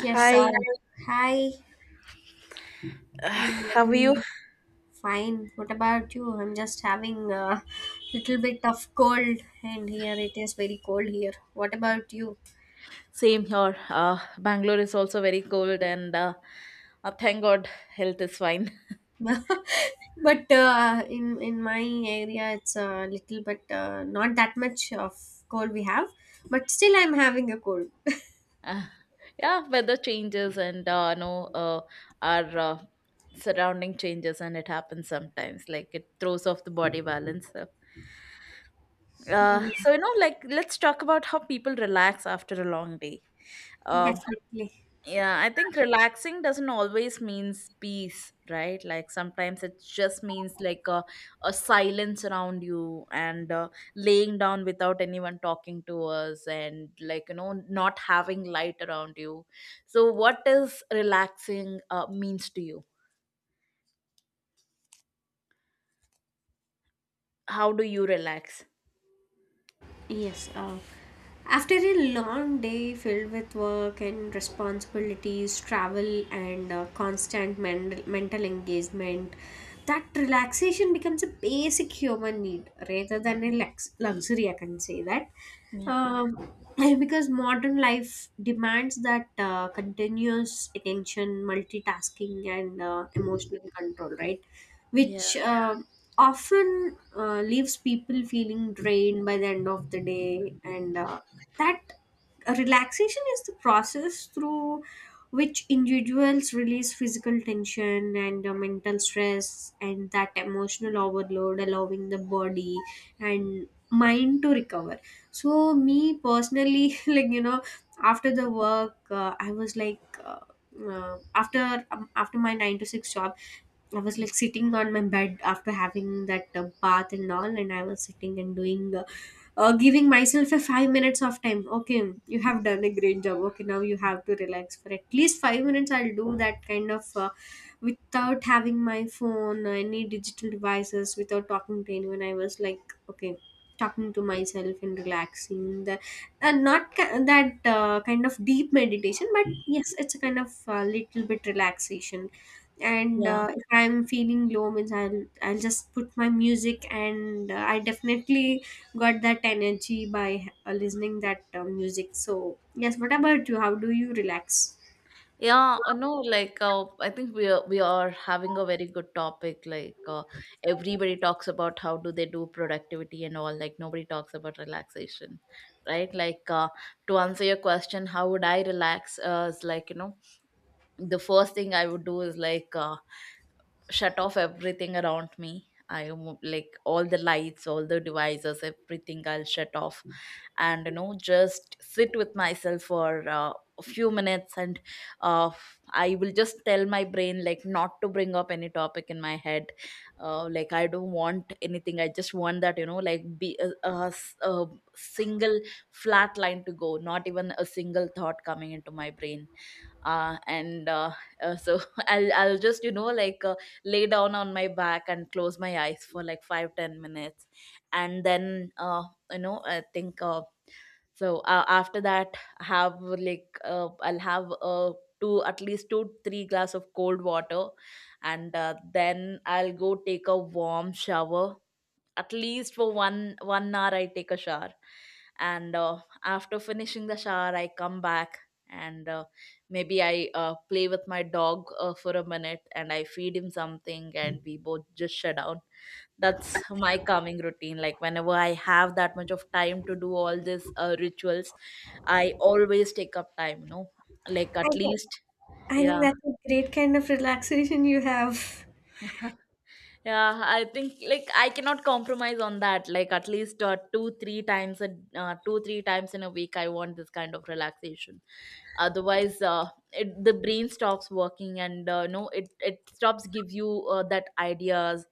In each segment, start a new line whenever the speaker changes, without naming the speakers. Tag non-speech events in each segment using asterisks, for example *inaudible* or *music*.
Yes,
Hi,
hi. Good
how are you?
morning. Fine. What about you? I'm just having a little bit of cold, and here it is very cold here. What about you?
Same here. Bangalore is also very cold, and thank God health is fine. *laughs*
*laughs* But in my area, it's a little bit not that much of cold we have, but still I'm having a cold.
Uh, yeah, weather changes and no, our surrounding changes, and it happens sometimes. Like it throws off the body balance.
*laughs*
Uh,
Yes,
so you know, like let's talk about how people relax after a long day. Uh,
definitely.
Yeah, I think relaxing doesn't always means peace, right? Like sometimes it just means like a silence around you, and laying down without anyone talking to us, and, like, you know, not having light around you. So, what does relaxing means to you? How do you relax?
Yes, after a long day filled with work and responsibilities, travel, and constant mental engagement, that relaxation becomes a basic human need rather than a luxury. I can say that.
Yeah.
Um, *laughs* *clears throat* because modern life demands that continuous attention, multitasking, and emotional control, right?
Yeah.
Which often leaves people feeling drained by the end of the day. And that relaxation is the process through which individuals release physical tension and mental stress and that emotional overload, allowing the body and mind to recover. So, me personally, *laughs* like after the work, I was like. After my 9 to 6 job, I was like sitting on my bed after having that bath and all, and I was sitting and giving myself a 5 minutes of time. Okay, you have done a great job. Okay, now you have to relax for at least 5 minutes. I'll do that kind of without having my phone or any digital devices, without talking to anyone. I was like, okay, talking to myself and relaxing the and not that kind of deep meditation, but yes, it's a kind of little bit relaxation. And
Yeah.
if I'm feeling low means I'll just put my music, and I definitely got that energy by listening that music. So, yes, what about you? How do you relax?
Yeah, no, like I think we are having a very good topic. Like everybody talks about how do they do productivity and all. Like nobody talks about relaxation, right? Like to answer your question, how would I relax? Is like, you know, the first thing I would do is like shut off everything around me. Like all the lights, all the devices, everything I'll shut off, and, you know, just sit with myself for a few minutes, and uh, I will just tell my brain like not to bring up any topic in my head. Like I don't want anything, I just want that, you know, like be a single flat line to go, not even a single thought coming into my brain. And So *laughs* I'll just, you know, like lay down on my back and close my eyes for like 5 to 10 minutes, and then you know, I think after that have like I'll have two, at least 2 to 3 glass of cold water, and then I'll go take a warm shower at least for 1 one hour. I take a shower, and after finishing the shower I come back, and maybe I play with my dog for a minute, and I feed him something, and we both just shut down. That's my calming routine. Like whenever I have that much of time to do all these rituals, I always take up time, you know, like at least.
I think
Yeah.
that's a great kind of relaxation you have.
Yeah, I think like I cannot compromise on that. Like at least two, three times in a week, I want this kind of relaxation. Otherwise, it, the brain stops working, and no, it stops give you that ideas.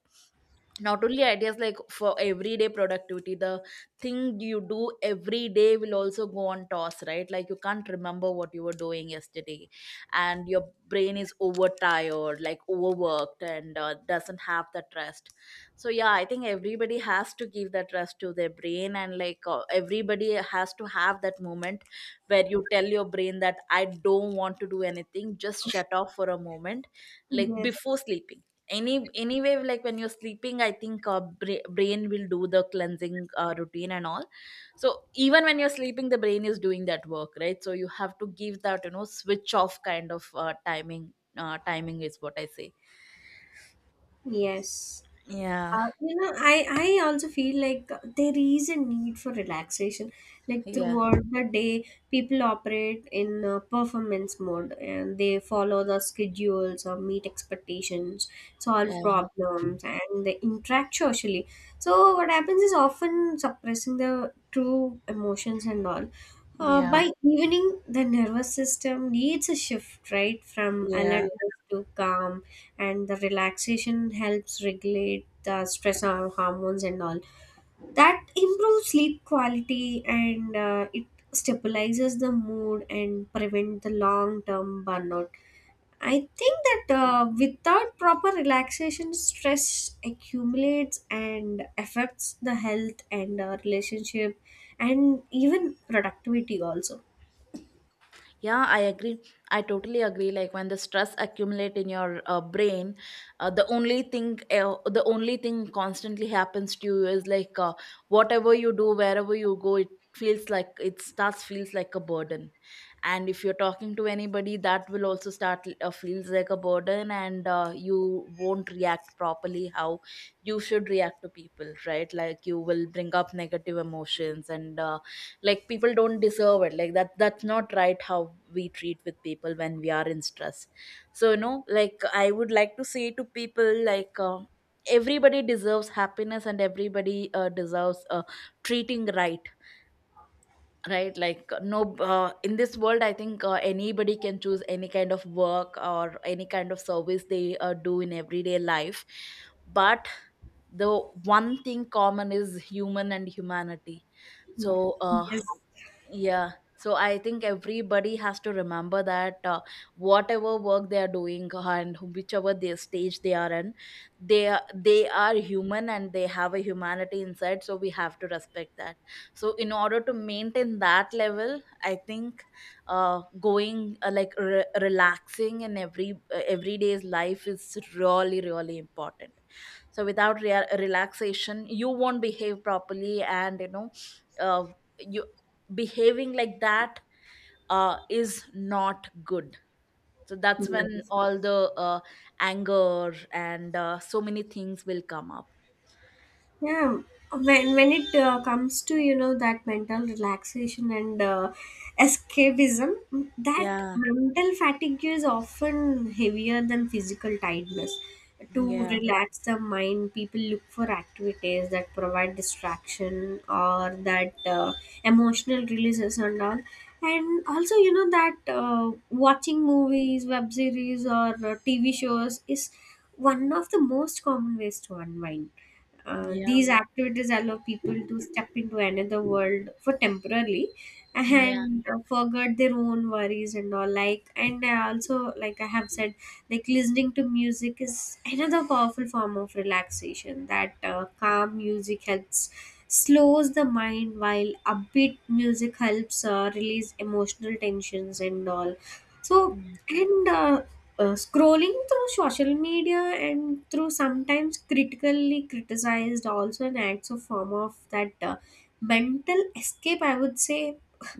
Not only ideas, like for everyday productivity, the thing you do every day will also go on toss, right? Like you can't remember what you were doing yesterday, and your brain is overtired, like overworked, and doesn't have that rest. So yeah, I think everybody has to give that rest to their brain, and like everybody has to have that moment where you tell your brain that I don't want to do anything, just shut off for a moment. Like
Yes.
before sleeping, anyway, like when you're sleeping, I think brain will do the cleansing routine and all. So even when you're sleeping, the brain is doing that work, right? So you have to give that, you know, switch off kind of timing is what I say.
Yes.
Yeah.
I also feel like there is a need for relaxation. Like
Yeah.
throughout the day, people operate in performance mode, and they follow the schedules or meet expectations, solve
Yeah.
problems, and they interact socially. So, what happens is often suppressing the true emotions and all.
Yeah.
By evening, the nervous system needs a shift, right, from
Yeah.
alertness to calm, and the relaxation helps regulate the stress hormones and all that improves sleep quality, and it stabilizes the mood and prevent the long term burnout. I think that without proper relaxation, stress accumulates and affects the health and relationship, and even productivity also.
Yeah, I agree. I totally agree. Like when the stress accumulate in your brain, the only thing constantly happens to you is like whatever you do, wherever you go, it feels like a burden. And if you're talking to anybody, that will also start feels like a burden, and you won't react properly how you should react to people, right? Like you will bring up negative emotions, and. Like people don't deserve it like that. That's not right how we treat with people when we are in stress. So, you know, like I would like to say to people like everybody deserves happiness, and everybody deserves treating right, right? Like no, in this world I think anybody can choose any kind of work or any kind of service they do in everyday life, but the one thing common is human and humanity.
Mm.
So
Yes.
yeah. So I think everybody has to remember that whatever work they are doing and whichever their stage they are in, they are human and they have a humanity inside. So we have to respect that. So in order to maintain that level, I think relaxing in every everyday's life is really really important. So without relaxation you won't behave properly, and you know, uh, you behaving like that is not good. So that's
Mm.
when all the anger and so many things will come up.
Yeah, when it comes to that mental relaxation and escapism, that
Yeah.
mental fatigue is often heavier than physical tiredness. To
Yeah.
relax the mind, people look for activities that provide distraction or that emotional releases and all. And also, you know that watching movies, web series, or TV shows is one of the most common ways to unwind.
Yeah.
These activities allow people to step into another world for temporarily,
Yeah.
and forget their own worries and all. Like, and I also, like, I have said, like, listening to music is another powerful form of relaxation. That calm music helps slows the mind, while upbeat music helps release emotional tensions and all. So, and scrolling through social media and through sometimes critically criticized also an acts of form of that mental escape, I would say.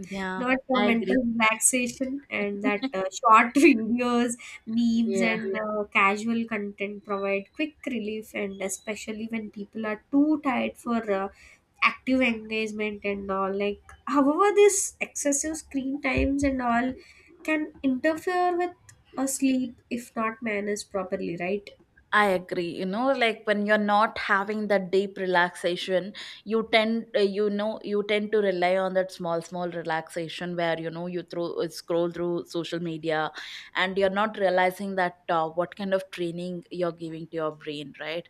Yeah,
Not
I
mental
agree.
relaxation, and that
*laughs*
short *laughs* videos, memes,
Yeah,
and yeah, casual content provide quick relief, and especially when people are too tired for active engagement and all. Like however, this excessive screen times and all can interfere with a sleep if not managed properly, right?
I agree. You know, like when you're not having that deep relaxation, you tend, you tend to rely on that small, small relaxation where, you know, you throw scroll through social media, and you're not realizing that what kind of training you're giving to your brain, right?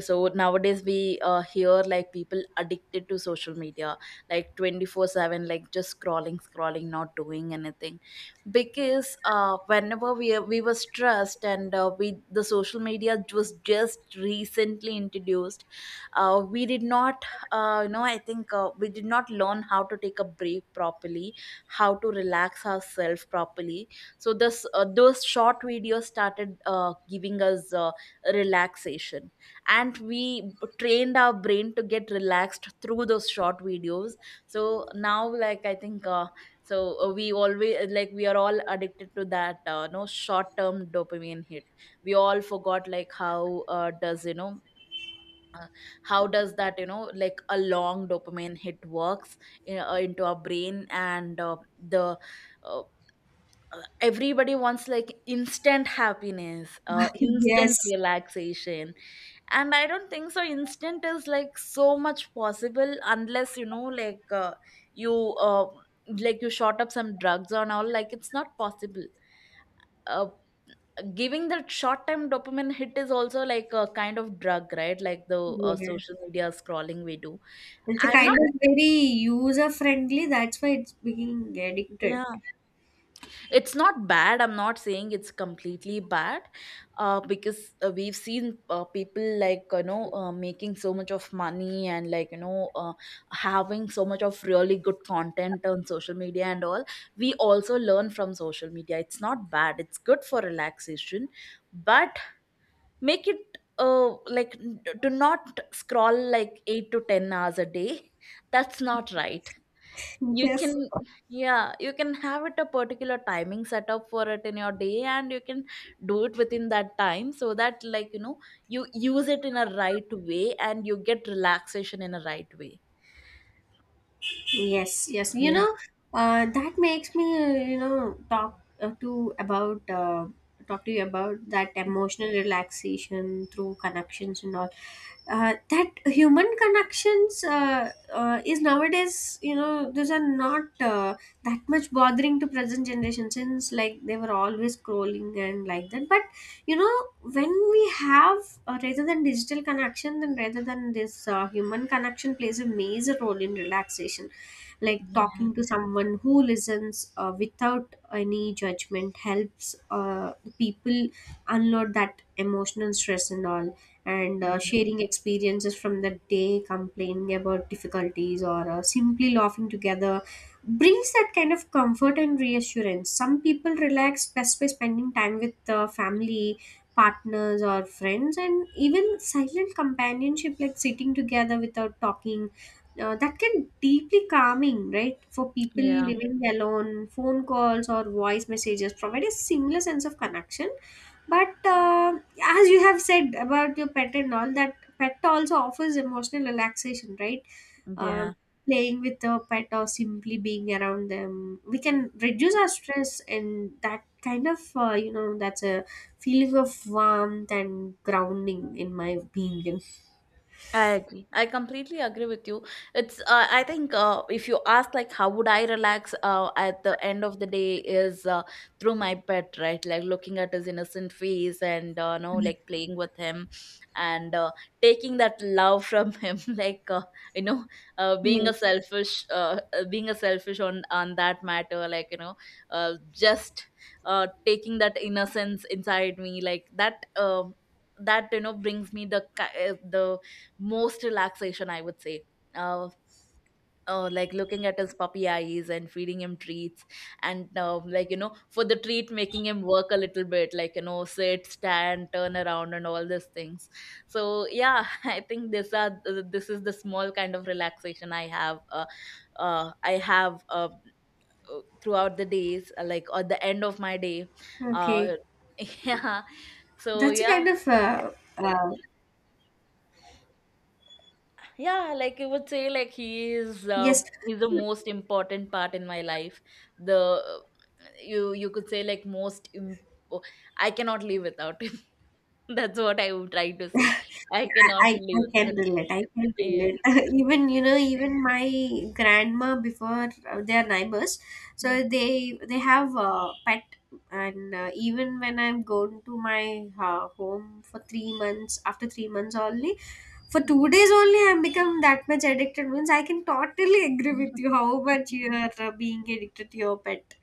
So nowadays we hear like people addicted to social media, like 24/7, like just scrolling, scrolling, not doing anything. Because whenever we were stressed, and we, the social media was just recently introduced, we did not you know, I think we did not learn how to take a break properly, how to relax ourselves properly. So this those short videos started giving us relaxation, and we trained our brain to get relaxed through those short videos. So now, like I think so we always like we are all addicted to that no short term dopamine hit. We all forgot like how does you know how does that, you know, like a long dopamine hit works in, into our brain, and the uh, everybody wants like instant happiness, instant
Yes,
relaxation. And I don't think so instant is like so much possible unless, you know, like you uh, like you shot up some drugs and all, like it's not possible. uh, Giving that short time dopamine hit is also like a kind of drug, right? Like the
yeah.
social media scrolling we do.
It's a
I'm
kind
not
of very user friendly, that's why it's being addicted.
Yeah, it's not bad. I'm not saying it's completely bad. Because we've seen people like, you know, making so much of money, and like, you know, having so much of really good content on social media and all. We also learn from social media. It's not bad, it's good for relaxation. But make it do not scroll like 8 to 10 hours a day. That's not right.
*laughs*
You
Yes.
can Yeah, you can have it a particular timing set up for it in your day, and you can do it within that time, so that, like, you know, you use it in a right way, and you get relaxation in a right way.
Yes, yes.
Yeah.
That makes me, talk to you about that emotional relaxation through connections and all. That human connections is nowadays, those are not that much bothering to present generation since like they were always scrolling and like that. But you know, when we have, rather than digital connection, then rather than this human connection plays a major role in relaxation, like
Yeah.
talking to someone who listens without any judgment helps people unload that emotional stress and all. And
Yeah.
sharing experiences from the day, complaining about difficulties, or simply laughing together brings that kind of comfort and reassurance. Some people relax best by spending time with family, partners, or friends, and even silent companionship, like sitting together without talking, that can deeply calming right for people.
Yeah.
Living alone, phone calls or voice messages provide a similar sense of connection. But as you have said about your pet and all, that pet also offers emotional relaxation, right? uh,
Yeah.
Playing with the pet or simply being around them, we can reduce our stress, and that kind of that's a feeling of warmth and grounding in my opinion.
I agree. I completely agree with you. It's I think if you ask like how would I relax at the end of the day is through my pet, right? Like looking at his innocent face, and you know, like playing with him, and taking that love from *laughs* him, like you know,
Yes,
being a selfish on that matter, like, you know, just taking that innocence inside me, like that. That, you know, brings me the the most relaxation, I would say. uh, like looking at his puppy eyes and feeding him treats, and like, you know, for the treat making him work a little bit, like, you know, sit, stand, turn around and all these things. So yeah, *laughs* I think this are this is the small kind of relaxation I have uh, i have uh, throughout the days, like at the end of my day. uh,
okay.
*laughs* yeah. So
That's a
yeah.
kind of uh,
Yeah, like you would say like he is
yes.
he's the most important part in my life. The You could say like most imp-, oh, I cannot live without him. *laughs* That's what I would try to say. I cannot
I,
live
I can
without.
relate. I can
Yeah.
relate. *laughs* Even my grandma before, they are neighbors,
Yeah.
so they have a pet, and even when I'm going to my home for 3 months, after 3 months only, for 2 days only I'm become that much addicted. Means I can totally agree
Mm-hmm.
with you how much you are being addicted to your pet.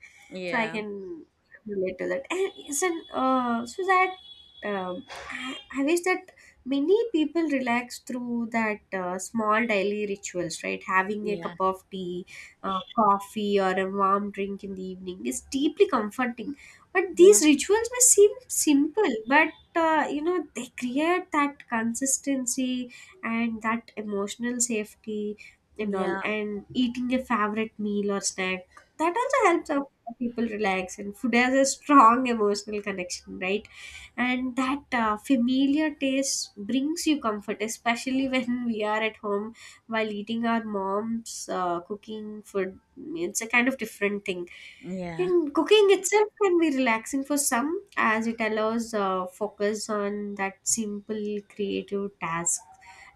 So I
yeah
can relate to that. And isn't, so that, I wish that many people relax through that small daily rituals, right, having a cup
yeah
of tea, coffee, or a warm drink in the evening is deeply comforting. But these
yeah
rituals may seem simple, but they create that consistency and that emotional safety and all.
yeah
And eating a favorite meal or snack, that also helps our people relax, and food has a strong emotional connection, right? And that familiar taste brings you comfort, especially when *laughs* we are at home while eating our mom's cooking food. It's a kind of different thing.
yeah
And cooking itself can be relaxing for some, as it allows focus on that simple creative task.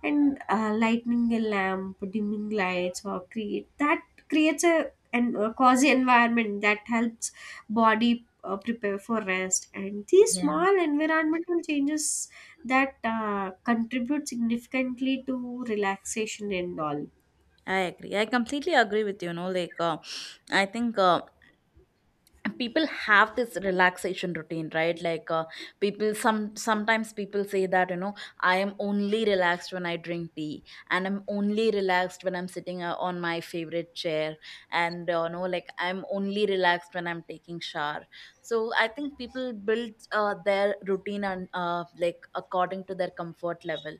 And lighting a lamp, dimming lights, or creates a cozy environment that helps body prepare for rest, and these
yeah,
small environmental changes that contribute significantly to relaxation and all.
I agree, I completely agree with you. You know like I think people have this relaxation routine, right? People sometimes people say that I am only relaxed when I drink tea, and I'm only relaxed when I'm sitting on my favorite chair, and I'm only relaxed when I'm taking shower. So I think people build their routine and according to their comfort level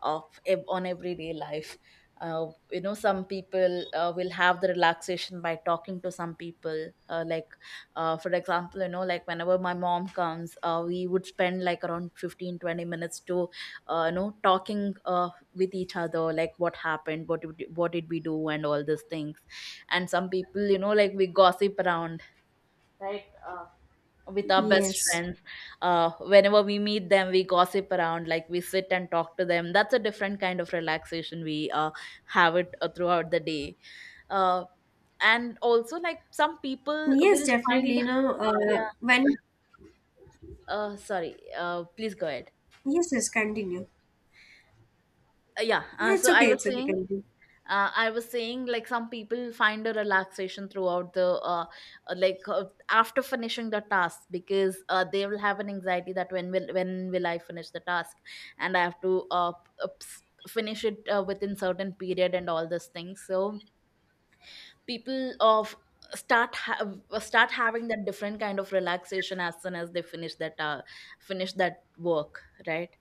of on everyday life. Some people will have the relaxation by talking to some people, for example, whenever my mom comes, we would spend like around 15-20 minutes to talking with each other, like what happened, what did we do, and all these things. And some people, we gossip around, right? With our best
Yes.
friends, whenever we meet them, we gossip around, like we sit and talk to them. That's a different kind of relaxation we have it throughout the day. uh, and also like some people
Yes,
will
definitely,
find
you know,
yeah.
when.
Sorry, please go ahead.
Yes, yes, continue.
Yeah
It's
so I
okay,
was
it's okay,
saying,
continue.
I was saying like some people find a relaxation throughout the uh, like uh, after finishing the task, because they will have an anxiety that when will I finish the task, and I have to finish it within certain period and all those things. So people of start ha- start having that different kind of relaxation as soon as they finish that, finish that work, right?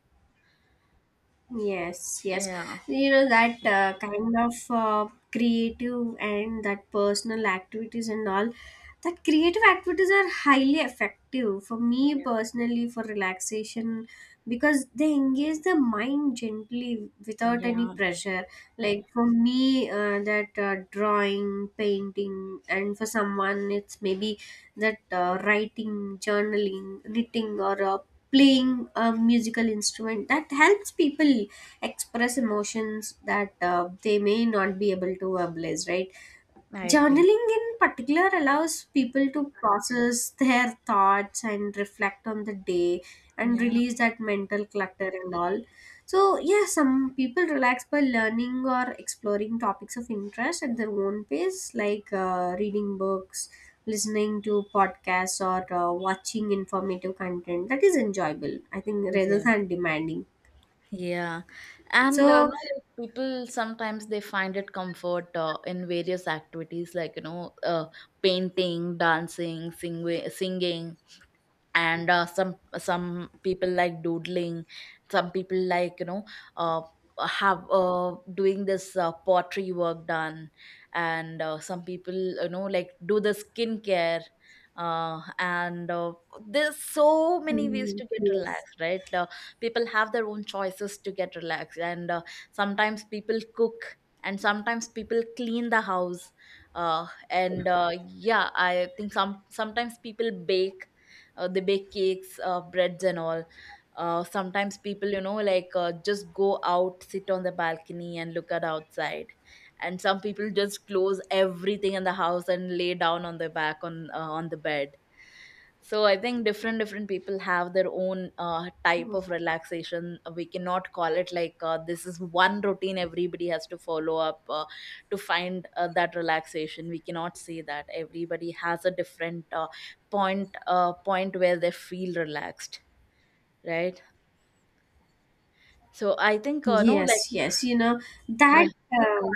Yes, yes.
yeah
That kind of creative and that personal activities and all. That creative activities are highly effective for me
yeah
personally for relaxation because they engage the mind gently without any
yeah
pressure. Like for me, that drawing, painting, and for someone it's maybe that writing, journaling, knitting, or playing a musical instrument that helps people express emotions that they may not be able to verbalize, right?
I agree.
Journaling in particular allows people to process their thoughts and reflect on the day and
Yeah,
release that mental clutter and all. So, yeah, some people relax by learning or exploring topics of interest at their own pace, like reading books, listening to podcasts, or watching informative content that is enjoyable, I think, rather
yeah,
than demanding.
yeah. And no,
So,
like people sometimes they find it comfort in various activities, like painting, dancing, singing. And some people like doodling, some people like uh, have doing this pottery work done, and some people do the skincare, and there's so many ways
mm,
to get
yes.
relaxed, right? People have their own choices to get relaxed, and sometimes people cook, and sometimes people clean the house, and yeah, I think sometimes people bake, they bake cakes, breads and all. Sometimes people, just go out, sit on the balcony and look at outside, and some people just close everything in the house and lay down on their back on the bed. So I think different people have their own type of relaxation. We cannot call it like, this is one routine everybody has to follow up to find that relaxation. We cannot say that. Everybody has a different point where they feel relaxed, right? So I think no, like
Yes, yes, that,
yeah,
uh,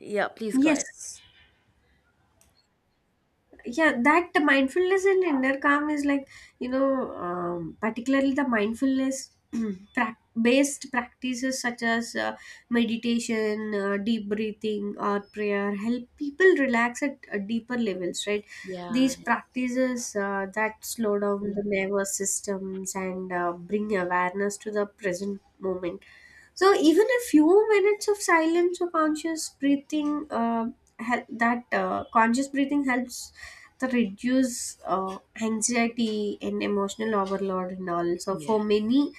yeah, please go ahead.
yes. Yeah, that mindfulness and inner calm is like, particularly the mindfulness *clears throat* prac based practices such as meditation, deep breathing, or prayer help people relax at deeper levels, right?
yeah
These practices that slow down the nervous systems and bring awareness to the present moment. So even a few minutes of silence or conscious breathing, that conscious breathing helps to reduce anxiety and emotional overload and all. So
yeah
for many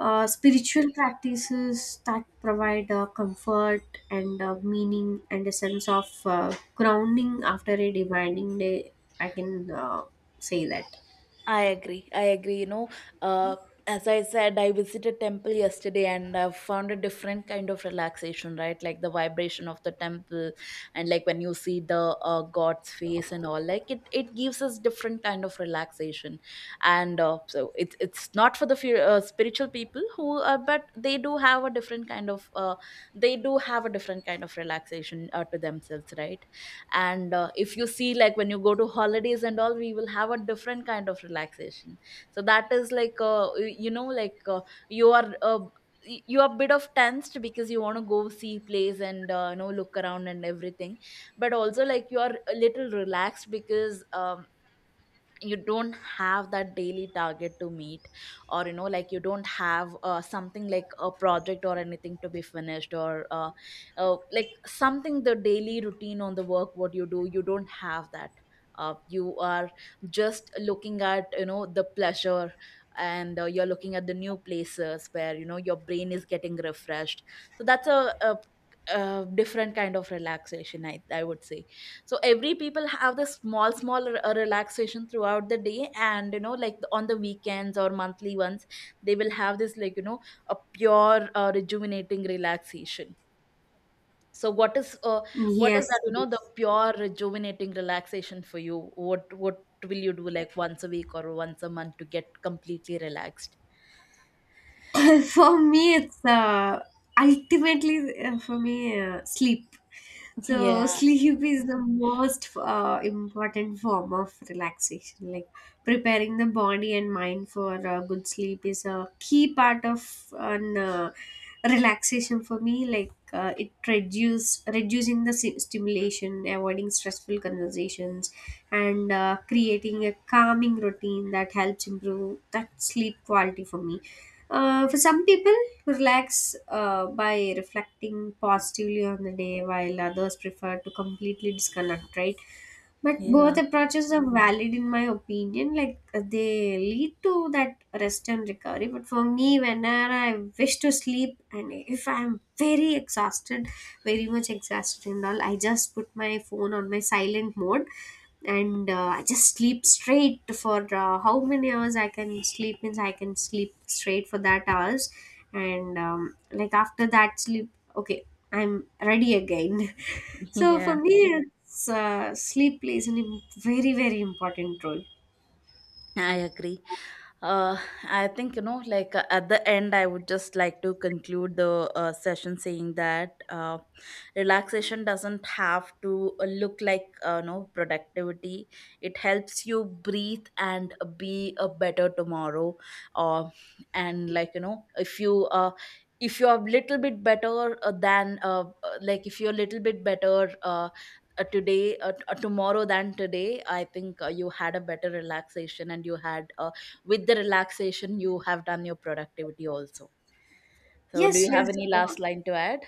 spiritual practices that provide comfort and meaning and a sense of grounding after a demanding day, I can say that.
I agree. I agree. You know, uh, as I said, I visited temple yesterday and I found a different kind of relaxation, right? Like the vibration of the temple, and like when you see the God's face and all, like it gives us different kind of relaxation. And so it's not for the few, spiritual people who, but they do have a different kind of they do have a different kind of relaxation to themselves, right? And if you see, like when you go to holidays and all, we will have a different kind of relaxation. So that is like you are you are a bit of tensed because you want to go see place and look around and everything. But also like you are a little relaxed because you don't have that daily target to meet, or you don't have something like a project or anything to be finished, or something the daily routine on the work what you do, you don't have that. You are just looking at the pleasure, and you're looking at the new places where your brain is getting refreshed. So that's a different kind of relaxation, I would say. So every people have the small relaxation throughout the day, and on the weekends or monthly ones they will have this, like a pure rejuvenating relaxation. So what is
Yes.
that, the pure rejuvenating relaxation for you? What will you do, like once a week or once a month, to get completely relaxed?
*laughs* For me, it's ultimately for me sleep. So
yeah
sleep is the most important form of relaxation. Like preparing the body and mind for good sleep is a key part of an relaxation for me. Like it reduce reducing the stimulation, avoiding stressful conversations, and creating a calming routine that helps improve that sleep quality for me. For some people, relax by reflecting positively on the day, while others prefer to completely disconnect, right? But both
yeah
approaches are valid in my opinion. Like they lead to that rest and recovery. But for me, whenever I wish to sleep and if I'm very exhausted, very much exhausted and all, I just put my phone on my silent mode, and I just sleep straight for how many hours I can sleep means I can sleep straight for that hours, and like after that sleep, okay, I'm ready again. *laughs*
*laughs*
So for
yeah
me, it's sleep plays a very, very important role.
I agree. Uh, I think, at the end, I would just like to conclude the session saying that relaxation doesn't have to look like, no, productivity. It helps you breathe and be a better tomorrow. Uh, and like, you know, if if you're a little bit better if you're a little bit better, today tomorrow than today, I think you had a better relaxation, and you had with the relaxation you have done your productivity also. So do
Yes,
you
yes.
have any last line to add?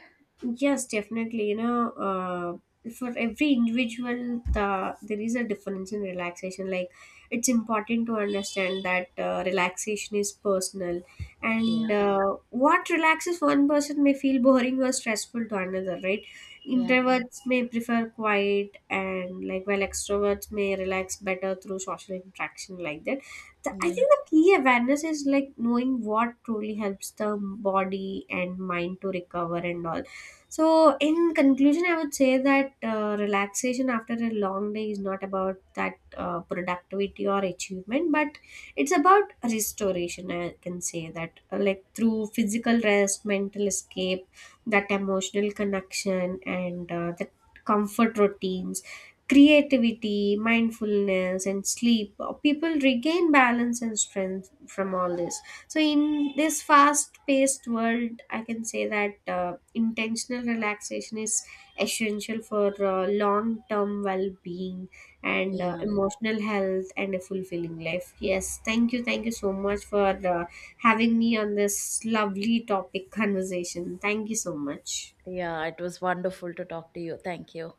Yes, definitely. For every individual, there is a difference in relaxation. Like, it's important to understand that relaxation is personal, and
yeah
what relaxes one person may feel boring or stressful to another, right?
yeah
Introverts may prefer quiet, and like while extroverts may relax better through social interaction, like that. I
yeah
think the key awareness is like knowing what truly helps the body and mind to recover and all. So, in conclusion, I would say that relaxation after a long day is not about that productivity or achievement, but it's about restoration. I can say that, like through physical rest, mental escape, that emotional connection, and the comfort routines, creativity, mindfulness, and sleep, people regain balance and strength from all this. So in this fast paced world, I can say that intentional relaxation is essential for long term well being and
yeah
emotional health and a fulfilling life. Yes, thank you, thank you so much for uh, having me on this lovely topic conversation. Thank you so much.
yeah, it was wonderful to talk to you. Thank you.